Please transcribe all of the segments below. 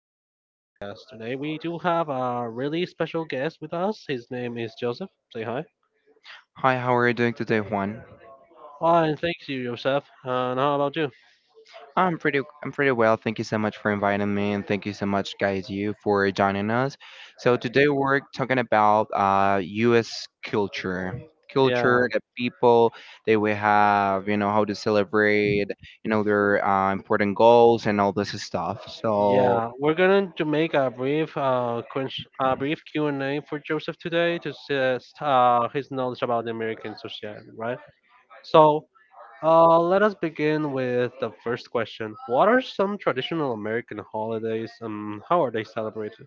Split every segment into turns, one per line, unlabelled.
everyday podcast. Today we do have a really special guest with us. His name is Joseph. Say hi.
Hi, how are you doing today, Juan?
Hi, and thank you, Joseph. And how about you?
I'm pretty well. Thank you so much for inviting me and thank you so much guys you for joining us. So today we're talking about US culture. Culture,
Yeah,
the people that we have, you know, how to celebrate, you know, their important goals and all this stuff. So
yeah. We're going to make a brief, a brief Q and A for Joseph today to test his knowledge about the American society, right? So. Let us begin with the first question. What are some traditional American holidays and how are they celebrated?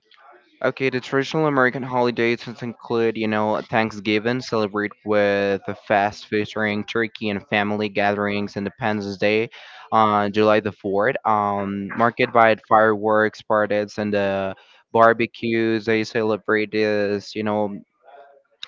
okay, the traditional American holidays just include, you know, Thanksgiving, celebrate with a fast featuring turkey and family gatherings, Independence Day on July the 4th, marked by fireworks, parties, and the barbecues. They celebrate this, you know,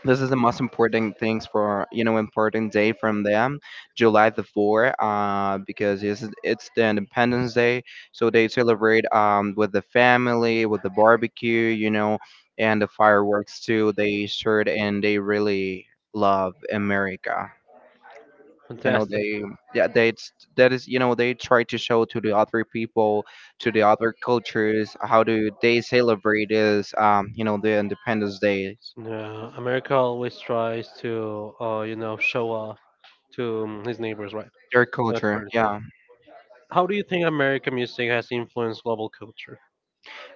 this is the most important things for you know important day from them July the 4th, because it's the Independence Day. So they celebrate, with the family, with the barbecue, you know, and the fireworks too they shared, and they really love America. you know
Fantastic.
they Yeah, that is, you know, they try to show to the other people, to the other cultures, how do they celebrate is, you know, the Independence Day,
Yeah, America always tries to, you know, show off to his neighbors, right?
their
That's
culture,
pretty true.
yeah.
How do you think American music has influenced global culture?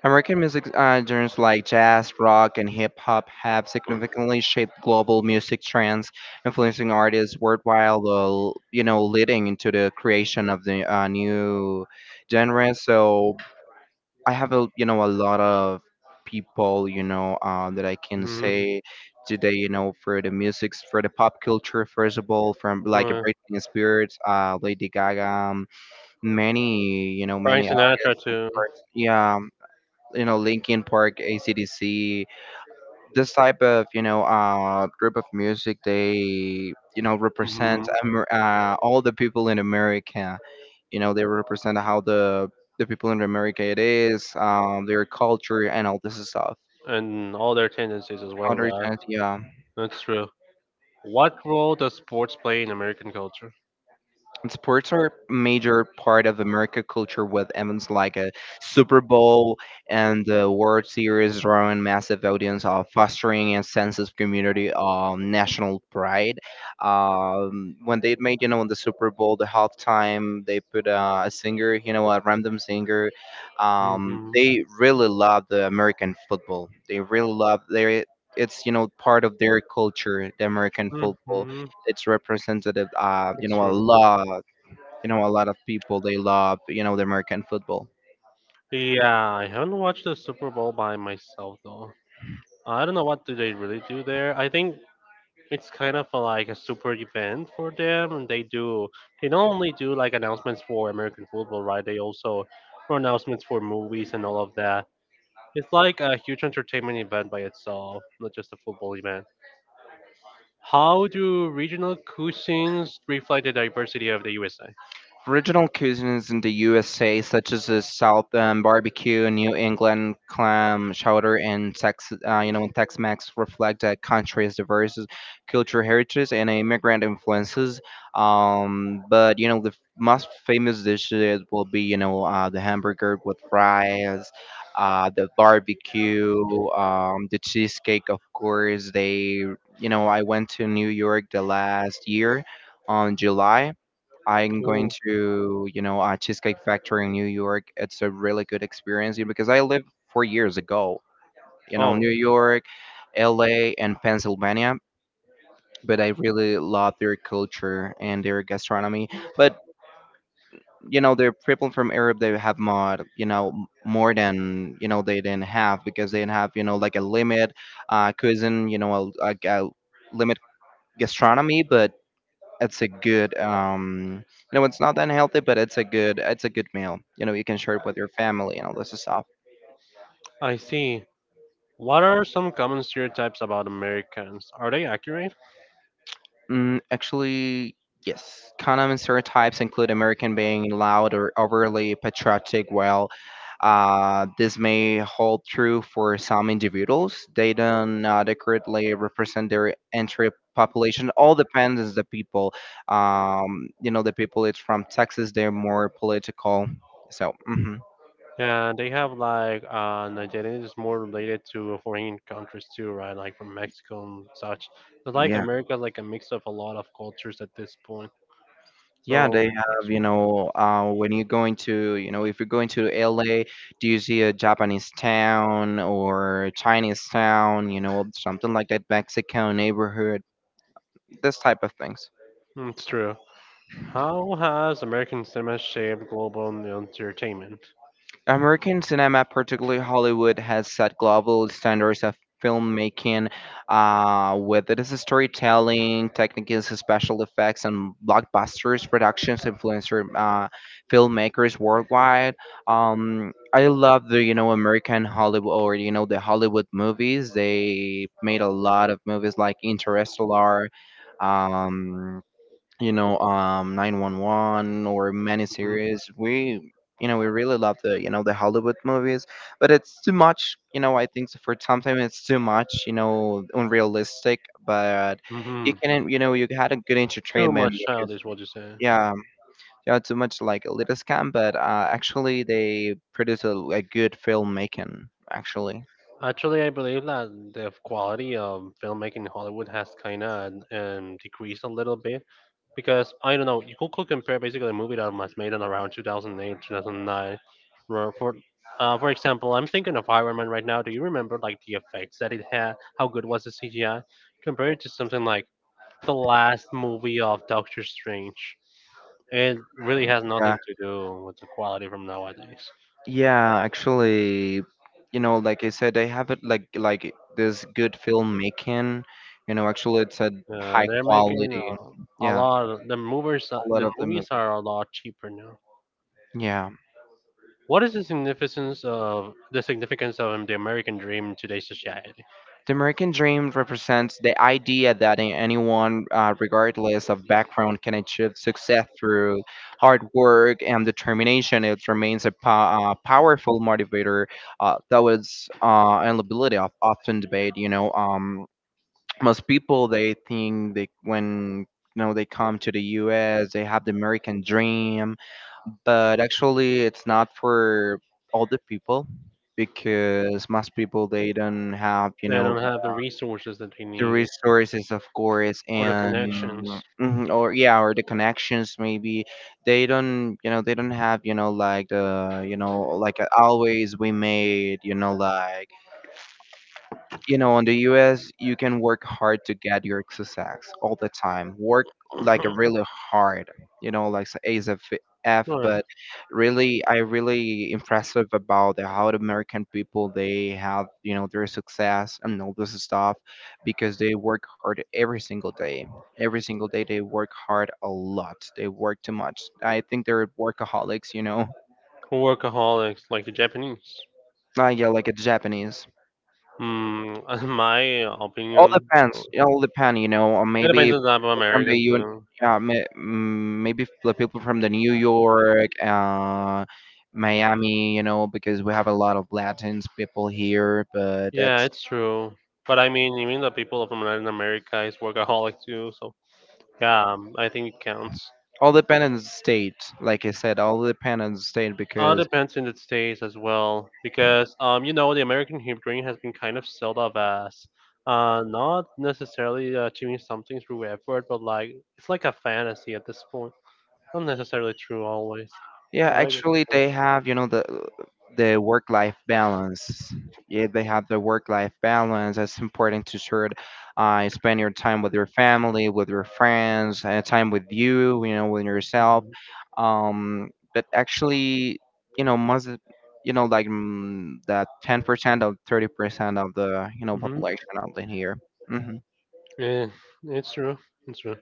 American music, genres like jazz, rock, and hip hop have significantly shaped global music trends, influencing artists worldwide, while, you know, leading into the creation of the new genres. So I have, a you know, a lot of people, you know, that I can
Hmm.
say today, you know, for the music, for the pop culture, first of all, from like a
Uh,
Britney Spears, Lady Gaga, many, you know, many
Frank Sinatra
artists.
too.
Yeah, you know, Linkin Park, ACDC, this type of, you know, group of music, they, you know, represent
Hmm.
All the people in America. You know, they represent how the people in America it is, their culture and all this stuff.
And all their tendencies as well, right?
120, yeah.
That's true. What role does sports play in American culture?
Sports are a major part of American culture, with events like a Super Bowl and the World Series drawing massive audience, fostering a sense of community, national pride. When they made, you know, in the Super Bowl, the halftime, they put a singer, you know, a random singer.
Hmm.
They really love the American football. They really love their. It's, you know, part of their culture, the American football.
Hmm.
It's representative, you
It's
know, a
true.
lot, you know, a lot of people they love, you know, the American football.
Yeah, I haven't watched the Super Bowl by myself though. I don't know what do they really do there. I think it's kind of a, like a super event for them, and they do, they not only do like announcements for american football, right? They also, for announcements for movies and all of that. It's like a huge entertainment event by itself, not just a football event. How do regional cuisines reflect the diversity of the USA?
Regional cuisines in the USA, such as the South barbecue, New England clam chowder, and Tex, you know, Tex-Mex, reflect that country's diverse culture, heritage and immigrant influences. But you know, the most famous dishes will be, you know, the hamburger with fries, the barbecue, the cheesecake. Of course, they, you know, I went to New York the last year on July. I'm going
Cool.
to, you know, a Cheesecake Factory in New York. It's a really good experience, you know, because I lived 4 years ago, you know,
Oh,
New York, LA, and Pennsylvania. But I really love their culture and their gastronomy. But you know, the people from Europe, they have more, you know, more than, you know, they didn't have, because they didn't have, you know, like a limit, cuisine, you know, a limit gastronomy. But it's a good, no, it's not unhealthy, but it's a good, it's a good meal, you know, you can share it with your family and all this stuff.
I see. What are some common stereotypes about americans? Are they accurate?
Actually, yes, common stereotypes include American being loud or overly patriotic, while this may hold true for some individuals, they do not accurately represent their entire population. All depends on the people. You know, the people it's from Texas, they're more political, so mhm.
And they have like Nigerian is more related to foreign countries too, right? Like from Mexico and such. But like America, like a mix of a lot of cultures at this point.
Yeah, they
So
have, you know, when you're going to, you know, if you're going to LA, do you see a Japanese town or a Chinese town, you know, something like that, Mexico neighborhood, this type of things.
mm, it's true. How has American cinema shaped global entertainment?
American cinema, particularly Hollywood, has set global standards of filmmaking, whether it is storytelling, techniques, special effects, and blockbusters productions influencer, filmmakers worldwide. I love the, you know, American Hollywood, or you know, the Hollywood movies. They made a lot of movies like Interstellar, um, you know, 911, or many series. We, you know, we really love the, you know, the Hollywood movies. But it's too much, you know, I think so, for sometimes it's too much, you know, unrealistic, but
Mm-hmm.
you
Mm-hmm.
can, you know, you had a good
Too
entertainment
much childish, what you say?
yeah, yeah, too much, like a little scam, but actually they produce a good filmmaking actually.
Actually, I believe that the quality of filmmaking in Hollywood has kind of decreased a little bit, because I don't know. You could compare basically a movie that was made in around 2008, 2009. Where for example, I'm thinking of Iron Man right now. Do you remember like the effects that it had? How good was the CGI compared to something like the last movie of Doctor Strange? It really has
Yeah.
nothing to do with the quality from nowadays.
Yeah, actually, you know, like I said, they have it like this good filmmaking. You know, actually, it's a
Yeah,
high
they're making
quality.
a
Yeah,
lot. Of, the movies,
a lot
the
of them.
movies are a lot cheaper now.
Yeah,
What is the significance of the American dream in today's society?
the American Dream represents the idea that anyone, regardless of background, can achieve success through hard work and determination. It remains a powerful motivator, that was and ability of often debate. You know, most people they think they, when, you know, they come to the US, they have the American dream, but actually it's not for all the people, because most people they don't have, you
They
know,
don't have the resources that they
the
need,
resources, of course,
or the
and
connections.
mhm, or yeah, or the connections maybe. They don't, you know, they don't have, you know, like the, you know, like always we made, you know, like, you know, in the US, you can work hard to get your success all the time. Work like really hard, you know, like A's of F,
Right.
but really, I really impressive about the how the American people they have, you know, their success and all this stuff because they work hard every single day. Every single day, they work hard a lot. They work too much. I think they're workaholics, you know.
Workaholics like the Japanese.
Yeah, like a Japanese.
Hmm. In my
All
opinion, well,
depends. It all depends, you know. Or
it
maybe
depends on the
for
type of
people from the
American
UN,
too.
yeah, maybe for the people from the New York, Miami, you know, because we have a lot of Latins people here. But
Yeah,
that's
it's true. But I mean, even the people from Latin America is workaholic too. So yeah, I think it counts.
all depends on the state. Like I said, all depends on the state because
Depends in the states as well, because you know, the American dream has been kind of sold off as not necessarily achieving something through effort, but like, it's like a fantasy at this point. Not necessarily true always.
yeah,
I get
actually,
the
they have, you know, the work life balance. Yeah, they have the work life balance. It's important to sure spend your time with your family, with your friends, and time with you, you know, with yourself.
point.
But actually, you know, you know, like, that 10% of 30% of the, you know,
Hmm.
population out in here. Mm-hmm.
Yeah, it's true. It's true.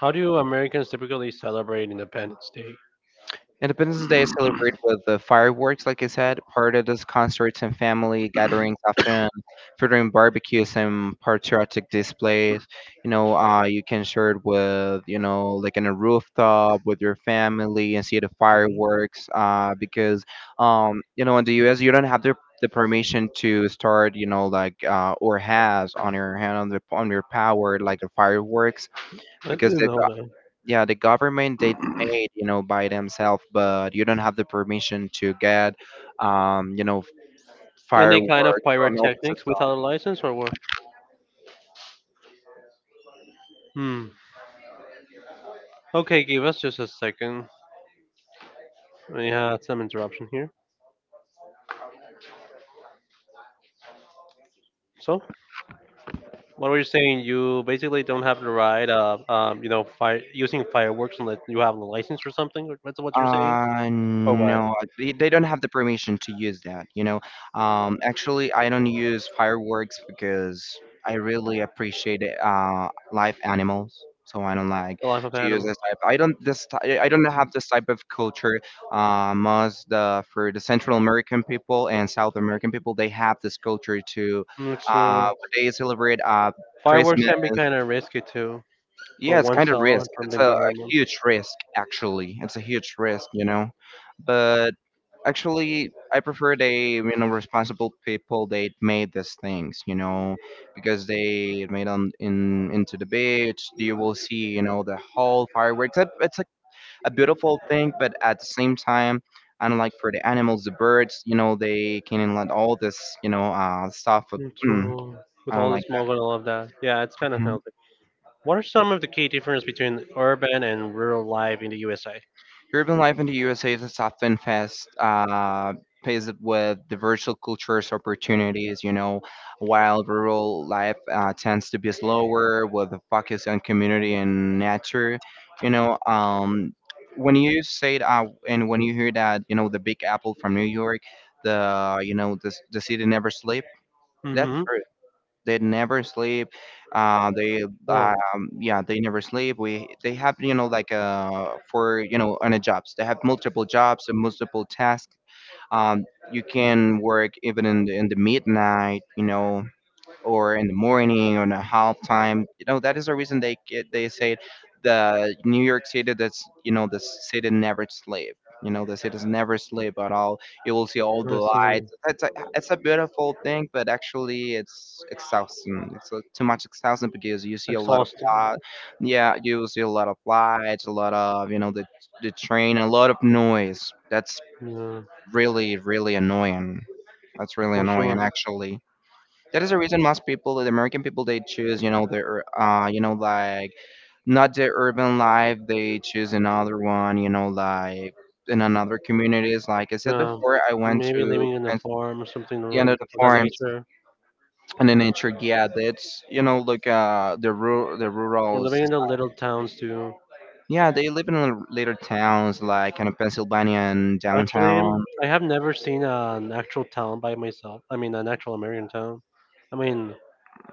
How do Americans typically celebrate Independence Day?
Independence Day is celebrated with the fireworks, like I said, parades, concerts, and family gatherings, often featuring barbecues and patriotic displays. You know, you can share it with, you know, like in a rooftop with your family and see the
Mhm.
fireworks. Because, you know, in the U.S., you don't have the permission to start, you know, like or has on your hand on the on your power like the fireworks,
I
because
didn't
they've
know that.
yeah, the government, they made, you know, by themselves, but you don't have the permission to get, you know,
Any kind of
fireworks and all this
pyrotechnics
stuff.
without a license or what? Hmm. Okay, give us just a second. We had some interruption here. So, what were you saying? You basically don't have the right of, you know, fire using fireworks unless you have a license or something. Or That's what you're saying, or what?
No, they don't have the permission to use that, you know. Actually, I don't use fireworks because I really appreciate live animals, so I don't like
The life of
to use this
animals.
type. I don't have this type of culture. Most the for the Central American people and South American people, they have this culture to
Mm, it's
uh
true.
they celebrate
Fireworks
Christmas.
can be kind of risky too, for
Yeah, it's kind of
oneself
risk.
and from the
It's a
environment.
huge risk, actually. It's a huge risk, you know. But actually, I prefer they, you know, responsible people. They made these things, you know, because they made on in into the beach. You will see, you know, the whole fireworks. It's a beautiful thing, but at the same time, unlike for the animals, the birds, you know, they can let all this, you know, stuff. Of,
It's
mm,
true. With
I don't
all the
like
smoke and all of that. Yeah, it's kind of
that.
health. What are some of the key differences between urban and rural life in the USA?
Urban life in the USA is often fast, paced with diverse cultures opportunities, you know, while rural life, tends to be slower with a focus on community and nature. You know, when you say that, and when you hear that, you know, the Big Apple from New York, the you know, the city never sleep. That's
Mm-hmm.
they never sleep, they,
Wow.
yeah, they never sleep. We they have, you know, like for you know, on a jobs they have multiple jobs and multiple tasks. um you can work even in the midnight, you know, or in the morning, or in a half time. You know, that is the reason they get, they say the New York City, that's, you know, the city never sleep. You know, the city's never sleep at all. You will see all the
I see.
lights. It's a beautiful thing, but actually it's exhausting. Too much exhausting because you see a lot of
Exhausting.
uh, yeah, you will see a lot of lights, a lot of the train, a lot of noise. That's
Yeah,
really really annoying. That's really
for
annoying
sure.
actually. That is the reason most people, the American people, they choose, their, like not the urban life. They choose another one, like in another communities. Like I said
Yeah,
before, I went
maybe
to
living in a
Prince-
farm or something
the end of
around
the
of that
farms
nature.
and the nature. Yeah, that's like the rural, the
Or
rurals.
living in the little towns too.
Yeah, they live in little towns like kind of Pennsylvania and
Actually,
downtown.
I have never seen an actual town by myself. I mean, an actual American town. I mean,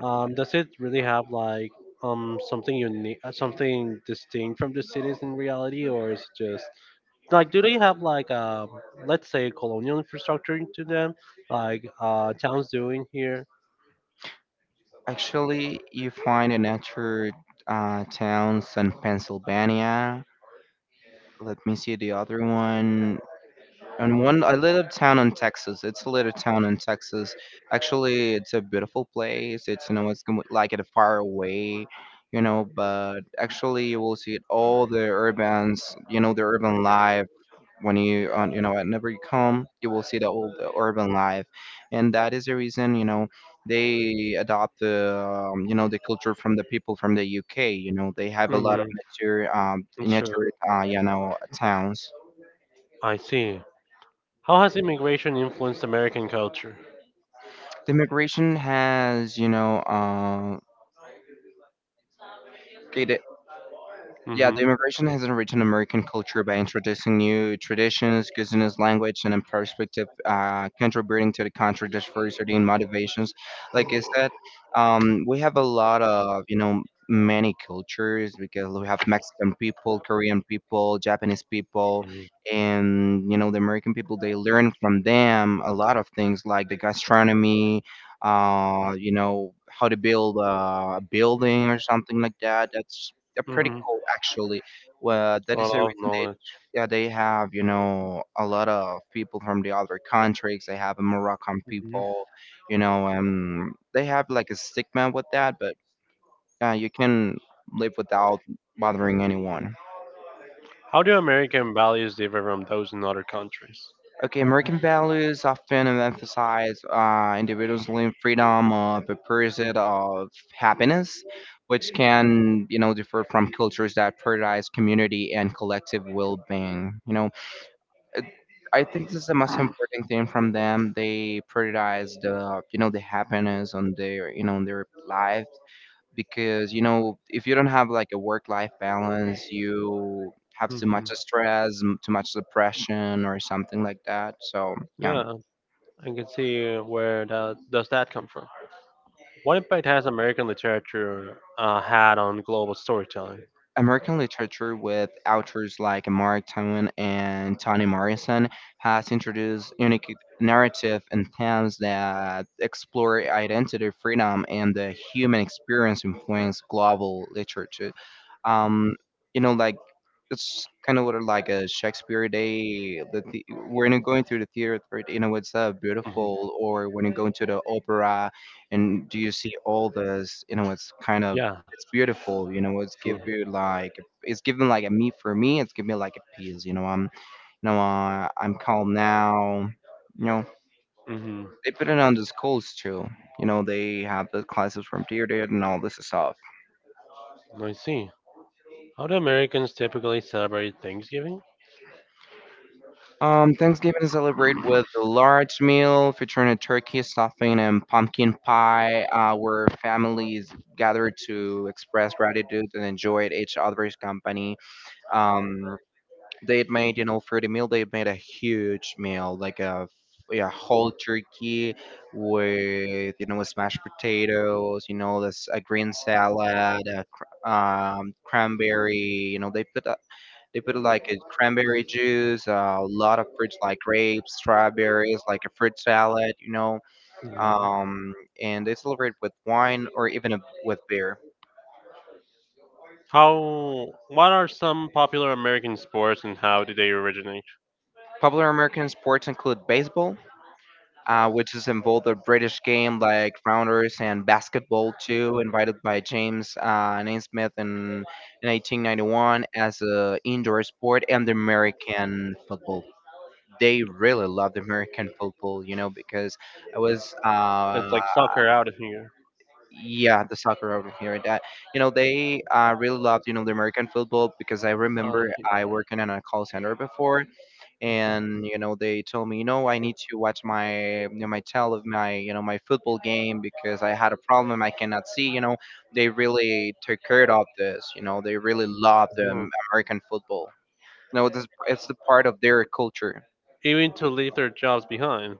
Does it really have like something unique, something distinct from the cities in reality, or is it just like, do they have like let's say colonial infrastructure into them, like towns doing here?
Actually, you find the nature towns in Pennsylvania. Let me see the other one. And one, a little town in Texas. It's a little town in Texas. Actually, it's a beautiful place. It's like it far away. But actually, you will see it all the urbans, the urban life when you on whenever you come you will see the urban life, and that is the reason they adopt the you know the culture from the people from the UK. You know they have a lot of
Mm-hmm.
nature um
Sure,
nature uh, you know towns.
I see. How has immigration influenced American culture?
The immigration has, okay, the. Yeah,
Mm-hmm.
the immigration has enriched an American culture by introducing new traditions, cuisines, language, and a perspective, contributing to the country's diversity and motivations. Like I said, we have a lot of, many cultures because we have Mexican people, Korean people, Japanese people, and, the American people, they learn from them a lot of things like the gastronomy, how to build a building or something like that. That's, they're pretty
Mm-hmm.
cool actually. Well,
A
that is the
lot of
reason they,
knowledge.
yeah, they have a lot of people from the other countries. They have Moroccan people, and they have like a stigma with that, but you can live without bothering anyone.
How do American values differ from those in other countries?
Okay, American values often emphasize individualism, freedom of the pursuit of happiness, which can, differ from cultures that prioritize community and collective well-being. It- I think this is the most important thing from them. They prioritize the happiness on their life, because if you don't have like a work life balance, you have too
Mhm.
much stress, too much depression, or something like that. So yeah.
Yeah, I can see where that come from. What impact has American literature had on global storytelling?
American literature with authors like Mark Twain and Toni Morrison has introduced unique narrative and themes that explore identity, freedom, and the human experience influence global literature. Um, like it's kind of like a Shakespeare day. When you're going through the theater, it's
Hmm.
beautiful. Or when you go to the opera, and do you see all this? It's kind of
Yeah,
it's beautiful, it's
true.
give you like, it's giving like a me, for me it's giving me like a peace, I'm calm now. you know
Hmm.
they put it on the schools too, they have the classes from theater and all this stuff.
I see. How do Americans typically celebrate Thanksgiving?
Thanksgiving is celebrated with a large meal featuring a turkey stuffing and pumpkin pie, where families gather to express gratitude and enjoy each other's company um They had made, for the meal, they had made a huge meal, like a yeah, whole turkey with, smashed potatoes, this a green salad, a cranberry, they put like a cranberry juice, a lot of fruits like grapes, strawberries, like a fruit salad,
Mhm.
um, and they celebrate with wine or even with beer.
How? What are some popular American sports, and how did they originate?
Popular American sports include baseball, which is involved a British game like Rounders and Basketball too, invited by James Naismith in 1891 as an indoor sport, and the American football. They really love the American football, because I was, uh,
It's like soccer out of here.
yeah, the soccer over here. That, they really loved, the American football, because I
Uh,
remember I worked in a call center before, and they told me, I need to watch my, my tell of my, my football game, because I had a problem, I cannot see. They really took care of this, they really love the
hmm.
American football, this, it's the part of their culture.
Even to leave their jobs behind.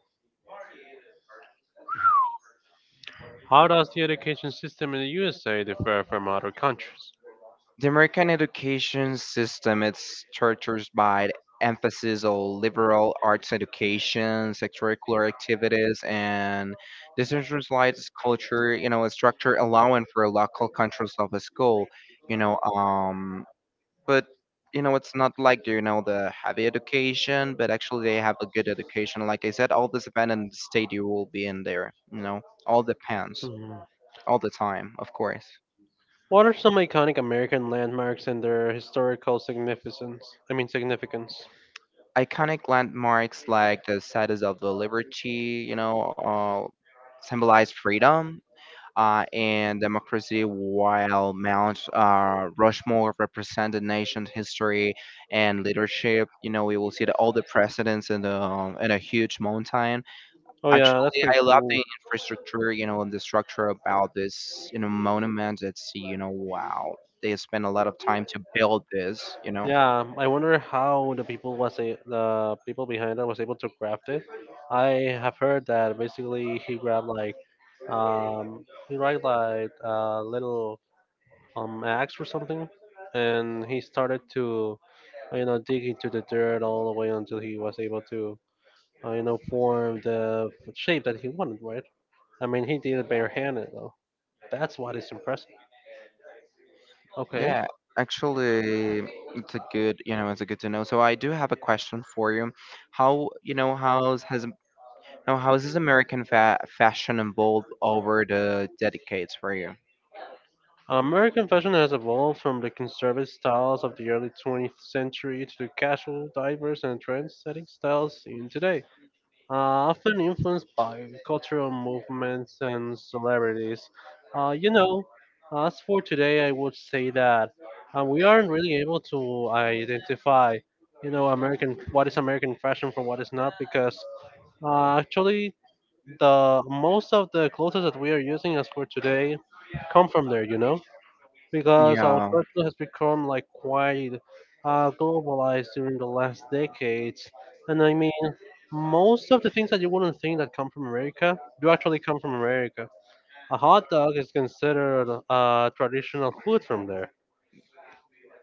How does the education system in the USA differ from other countries?
The American education system is characterized by the emphasis on liberal arts education, extracurricular activities, and decentralized culture, a structure allowing for local controls of a school, you know, um, but it's not like the heavy education, but actually they have a good education. Like I said, all this depends on the state you will be in there. All depends,
Mhm.
all the time, of course.
What are some iconic American landmarks and their historical significance? I mean, significance.
Iconic landmarks like the Statues of the Liberty, symbolize freedom and democracy, while Mount Rushmore represent the nation's history and leadership. You know, we will see all the presidents in the in a huge mountain.
Oh yeah, that's
Actually,
pretty
I love
cool.
the infrastructure. And the structure about this, monument. It's, wow, they spend a lot of time to build this. You know.
Yeah, I wonder how the people behind that was able to craft it. I have heard that basically he grabbed like a little axe or something, and he started to you know, dig into the dirt all the way until he was able to, you know, form the shape that he wanted, right? I mean, he did it barehanded, though. That's what is impressive. Okay.
Yeah, actually, it's a good to know. So I do have a question for you. How, you know, how's has no, how has this American fa fashion evolved over the decades for you?
American fashion has evolved from the conservative styles of the early 20th century to the casual, diverse, and trend-setting styles in today, often influenced by cultural movements and celebrities. You know, as for today, I would say that we aren't really able to identify, you know, American what is American fashion from what is not, because actually the most of the clothes that we are using as for today come from there. You know, because our
Yeah,
culture has become like quite globalized during the last decades. And I mean, most of the things that you wouldn't think that come from America do actually come from America. A hot dog is considered a traditional food from there.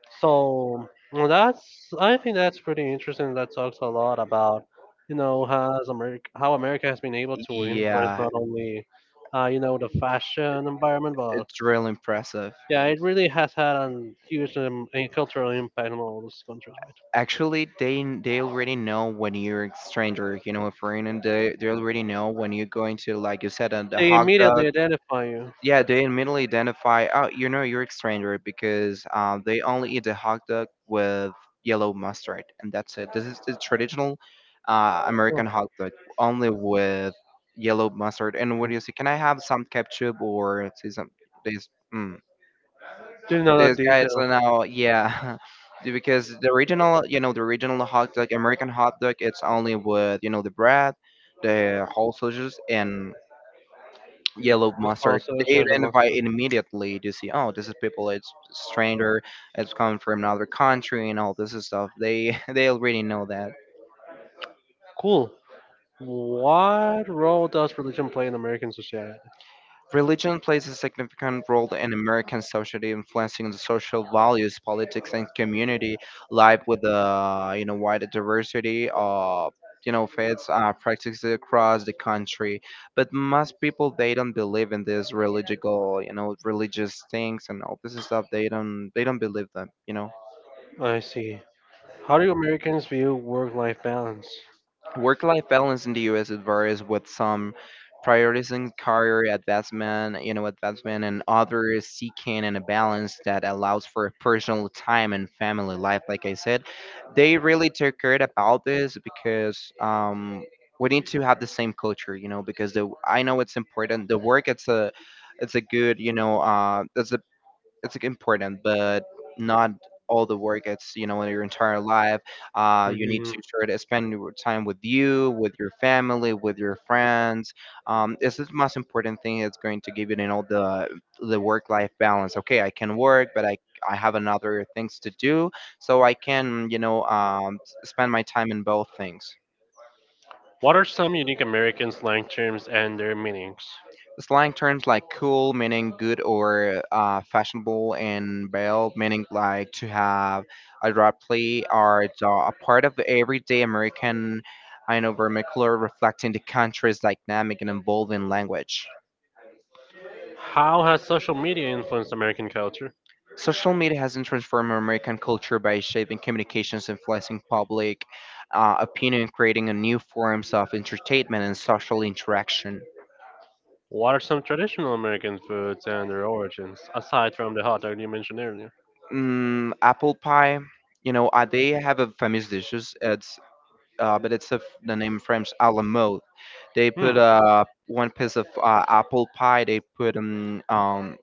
So well, that's, I think that's pretty interesting. That talks a lot about, you know, has America how America has been able to influence,
yeah,
not only you know, the fashion environment, but
it's really impressive.
yeah, it really has had a huge and cultural impact on all those countries, right?
Actually, they already know when you're a stranger, a foreigner. They already know when you're going to, like you said, the
They
hot dog.
immediately identify you.
Yeah, they immediately identify, oh, you're a stranger, because they only eat the hot dog with yellow mustard, and that's it. This is the traditional
Oh,
American hot dog, only with yellow mustard. And what do you say? Can I have some ketchup, or say some this?
didn't know that
This guy is
detail.
now, yeah. Because the original hot dog, American hot dog, it's only with, the bread, the whole sausages, and yellow
The
mustard.
sausage
They
and the
identify
mustard.
it immediately to see, oh, this is people, it's stranger, it's coming from another country, and all this stuff. They they already know that.
Cool. What role does religion play in American society?
Religion plays a significant role in American society, influencing the social values, politics, and community life, with a wide diversity of faiths, practices across the country. But most people, they don't believe in this religious you know religious things and all this stuff. They don't believe them. You know.
I see. How do Americans view work-life balance?
Work life balance in the US, it varies, with some prioritizing career advancement, and others seeking and a balance that allows for personal time and family life. Like I said, they really took care about this because, we need to have the same culture, because the I know it's important. The work, it's a good, that's a, it's like, important, but not all the work. It's, in your entire life. You need
Hmm.
to sort of spend your time with you, with your family, with your friends. It's the most important thing, that's going to give you you know the work life balance. Okay, I can work, but I have another things to do, so I can spend my time in both things.
What are some unique American slang terms and their meanings?
Slang terms like cool meaning good, or fashionable, and belle meaning like to have a drop play, are a part of everyday American, I know, vernacular reflecting the country's dynamic and evolving language.
How has social media influenced American culture?
Social media has transformed American culture by shaping communications, influencing public opinion, creating a new forms of entertainment and social interaction.
What are some traditional American foods and their origins, aside from the hot dog you mentioned earlier?
Apple pie, they have a famous dishes. It's but it's of the name French a la mode. They
Hmm.
put one piece of apple pie. They put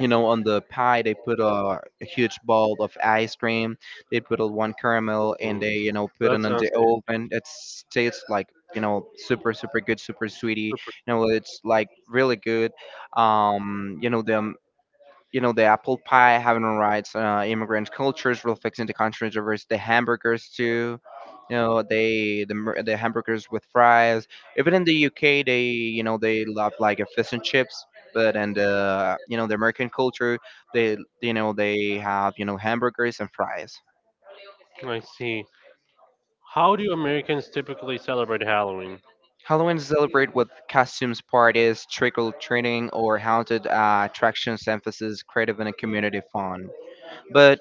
on the pie they put a huge bowl of ice cream. They put a one caramel, and
Hmm,
they, put it in
that sounds
the oven. It tastes like, super super good, super sweetie.
super.
It's like really good. The you know the apple pie, having rights, immigrant cultures, real fixing the country's reverse, the hamburgers too. The hamburgers with fries. Even in the UK, they you know they love like a fish and chips. But and You know, the American culture, they have hamburgers and fries.
I see. How do Americans typically celebrate Halloween?
Halloween is celebrated with costumes, parties, trick or treating, or haunted attractions, emphasis creative and community fun. But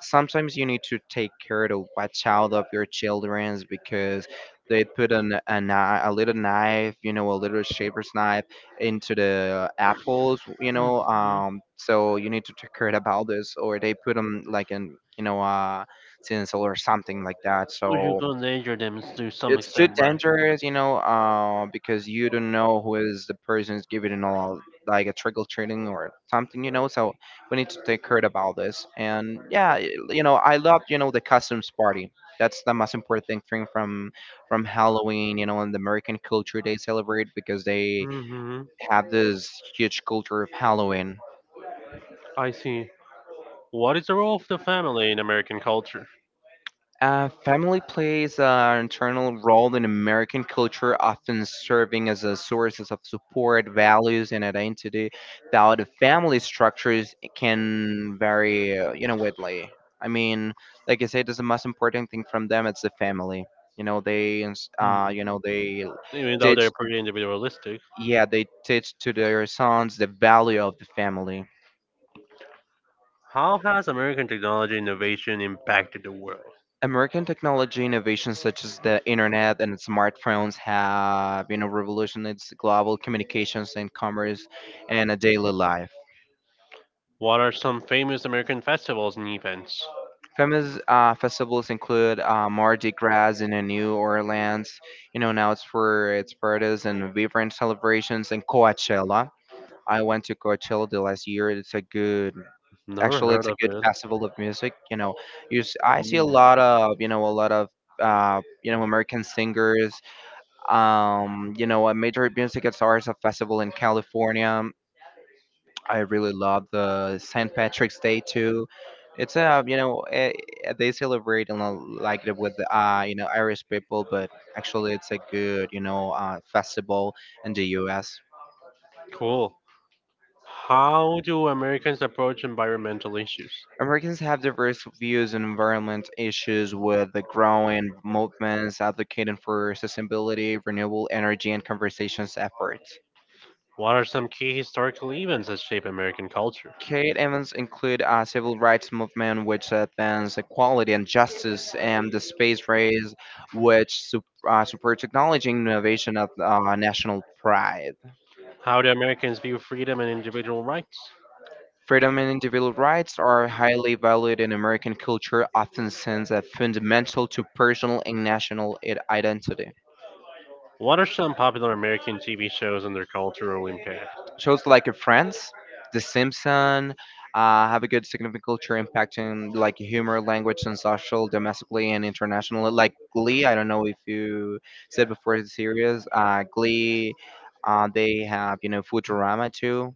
sometimes you need to take care to watch out of your childrens because they put an a, knife, a little knife, you know, a little shaver's knife into the apples, you know.
Mhm.
So you need to take care about this, or they put them like in, you know, tinsel or something like that.
Which
So
will endanger them to some
it's too
extent, right?
dangerous, you know, because you don't know who is the person is giving it all, like a trickle treating or something, you know. So we need to take care about this. And yeah, you know, I love the customs party. That's the most important thing from Halloween, you know, and the American culture they celebrate because they
Hmm.
have this huge culture of Halloween.
I see. What is the role of the family in American culture?
Family plays an internal role in American culture, often serving as a sources of support, values, and identity. Though the family structures can vary, you know, widely. I mean, like I said, that's the most important thing from them. It's the family. You know, they, you
Hmm.
know, they
Even though
teach.
they're pretty individualistic,
Yeah, they teach to their sons the value of the family.
how has American technology innovation impacted the world?
American technology innovations such as the internet and smartphones have, you know, revolutionized global communications and commerce and a daily life.
What are some famous American festivals and events?
Famous festivals include Mardi Gras in New Orleans, you know, now it's for its parties and vibrant celebrations, and Coachella. I went to Coachella the last year.
Never
Actually,
heard
it's a
of
good
it.
festival of music. You know, I see a
Hmm.
lot of, you know, a lot of, you know, American singers you know, a major music and stars a festival in California. I really love the St. Patrick's Day too. It's a you know they celebrate and like it with you know Irish people, but actually it's a good you know festival in the U.S.
Cool. How do Americans approach environmental issues?
Americans have diverse views on environment issues with the growing movements advocating for sustainability, renewable energy, and conversations efforts.
What are some key historical events that shape American culture?
Key events include a civil rights movement which advanced equality and justice, and the space race, which supports technology and innovation at national pride.
How do Americans view freedom and individual rights?
Freedom and individual rights are highly valued in American culture, often seen as fundamental to personal and national identity.
What are some popular American TV shows and their cultural impact?
Shows like Friends, The Simpson have a good significant culture impact in like humor, language, and social domestically and internationally. Like Glee, I don't know if you said before the series. Glee, they have you know Futurama too.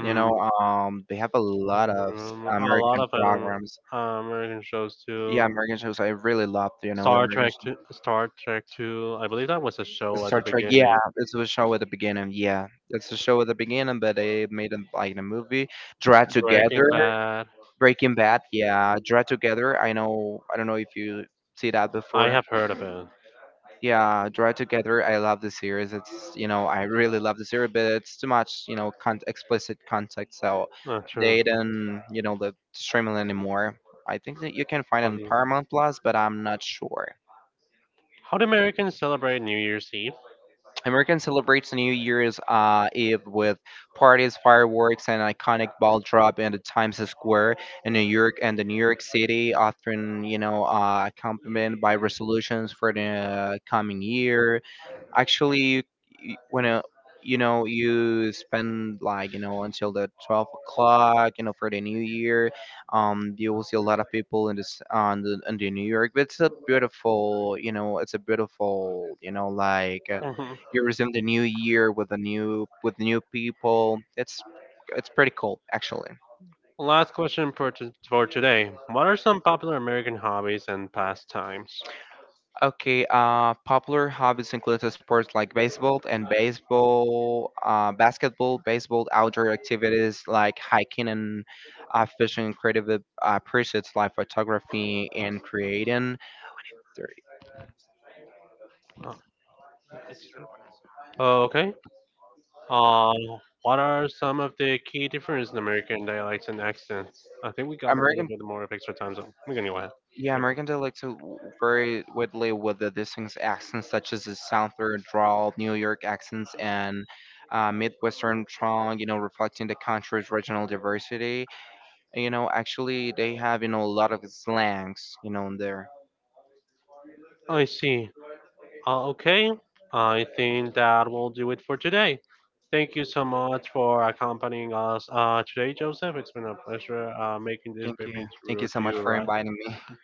You know, they have a lot of
A
American
lot of
programs.
American shows too.
Yeah, American shows. I really loved you know the
Star
American
Trek,
shows.
two, Star Trek Two. I believe that was a show at the
Star Trek, yeah,
beginning.
it's a show at the beginning. Yeah, it's a show at the beginning, but they made it like a movie. Draw
Breaking
Together.
Bad.
Breaking Bad, yeah, Draw Together. I know, I don't know if you see that
I
before.
have heard of it.
Yeah, Draw Together. I love the series. It's you know, I really love the series, but it's too much, you know, explicit content, so
True.
they didn't, you know, the streaming anymore. I think that you can find it
What
on
is
Paramount Plus, but I'm not sure.
How do Americans celebrate New Year's Eve?
American celebrates the New Year's Eve with parties, fireworks, and iconic ball drop in the Times Square in New York and the New York City, often you know accompanied by resolutions for the coming year. Actually, you- when you know you spend like you know until the 12 o'clock, you know for the New Year, you will see a lot of people in this on the in the New York. But it's a beautiful, you know, it's a beautiful, you know, you resume the New Year with the new with
Mhm.
new people. It's pretty cool actually.
Last question for, for today. What are some popular American hobbies and pastimes?
Okay, popular hobbies include the sports like baseball and baseball, basketball, baseball, outdoor activities like hiking and fishing, creative pursuits like photography and creating. There-
Uh, okay. Uh, what are some of the key differences in American dialects and accents? I think we got a little
American,
bit more of extra time, so we're gonna go ahead.
yeah,
Yeah.
American dialects are very widely with the distinct accents such as the Southern drawl, New York accents, and Midwestern drawl, you know, reflecting the country's regional diversity. You know, actually, they have, you know, a lot of slangs, you know, in there.
I see. Okay. I think that will do it for today. Thank you so much for accompanying us today, Joseph. It's been a pleasure making this
Thank you.
baby
Thank
through
you so
to
much
you,
for
right?
inviting me.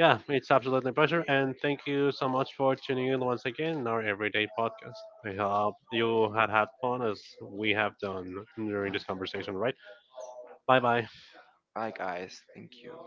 Yeah, it's absolutely a pleasure, and thank you so much for tuning in once again in our everyday podcast. I hope you had fun as we have done during this conversation, right? Bye bye.
Bye, guys. Thank you.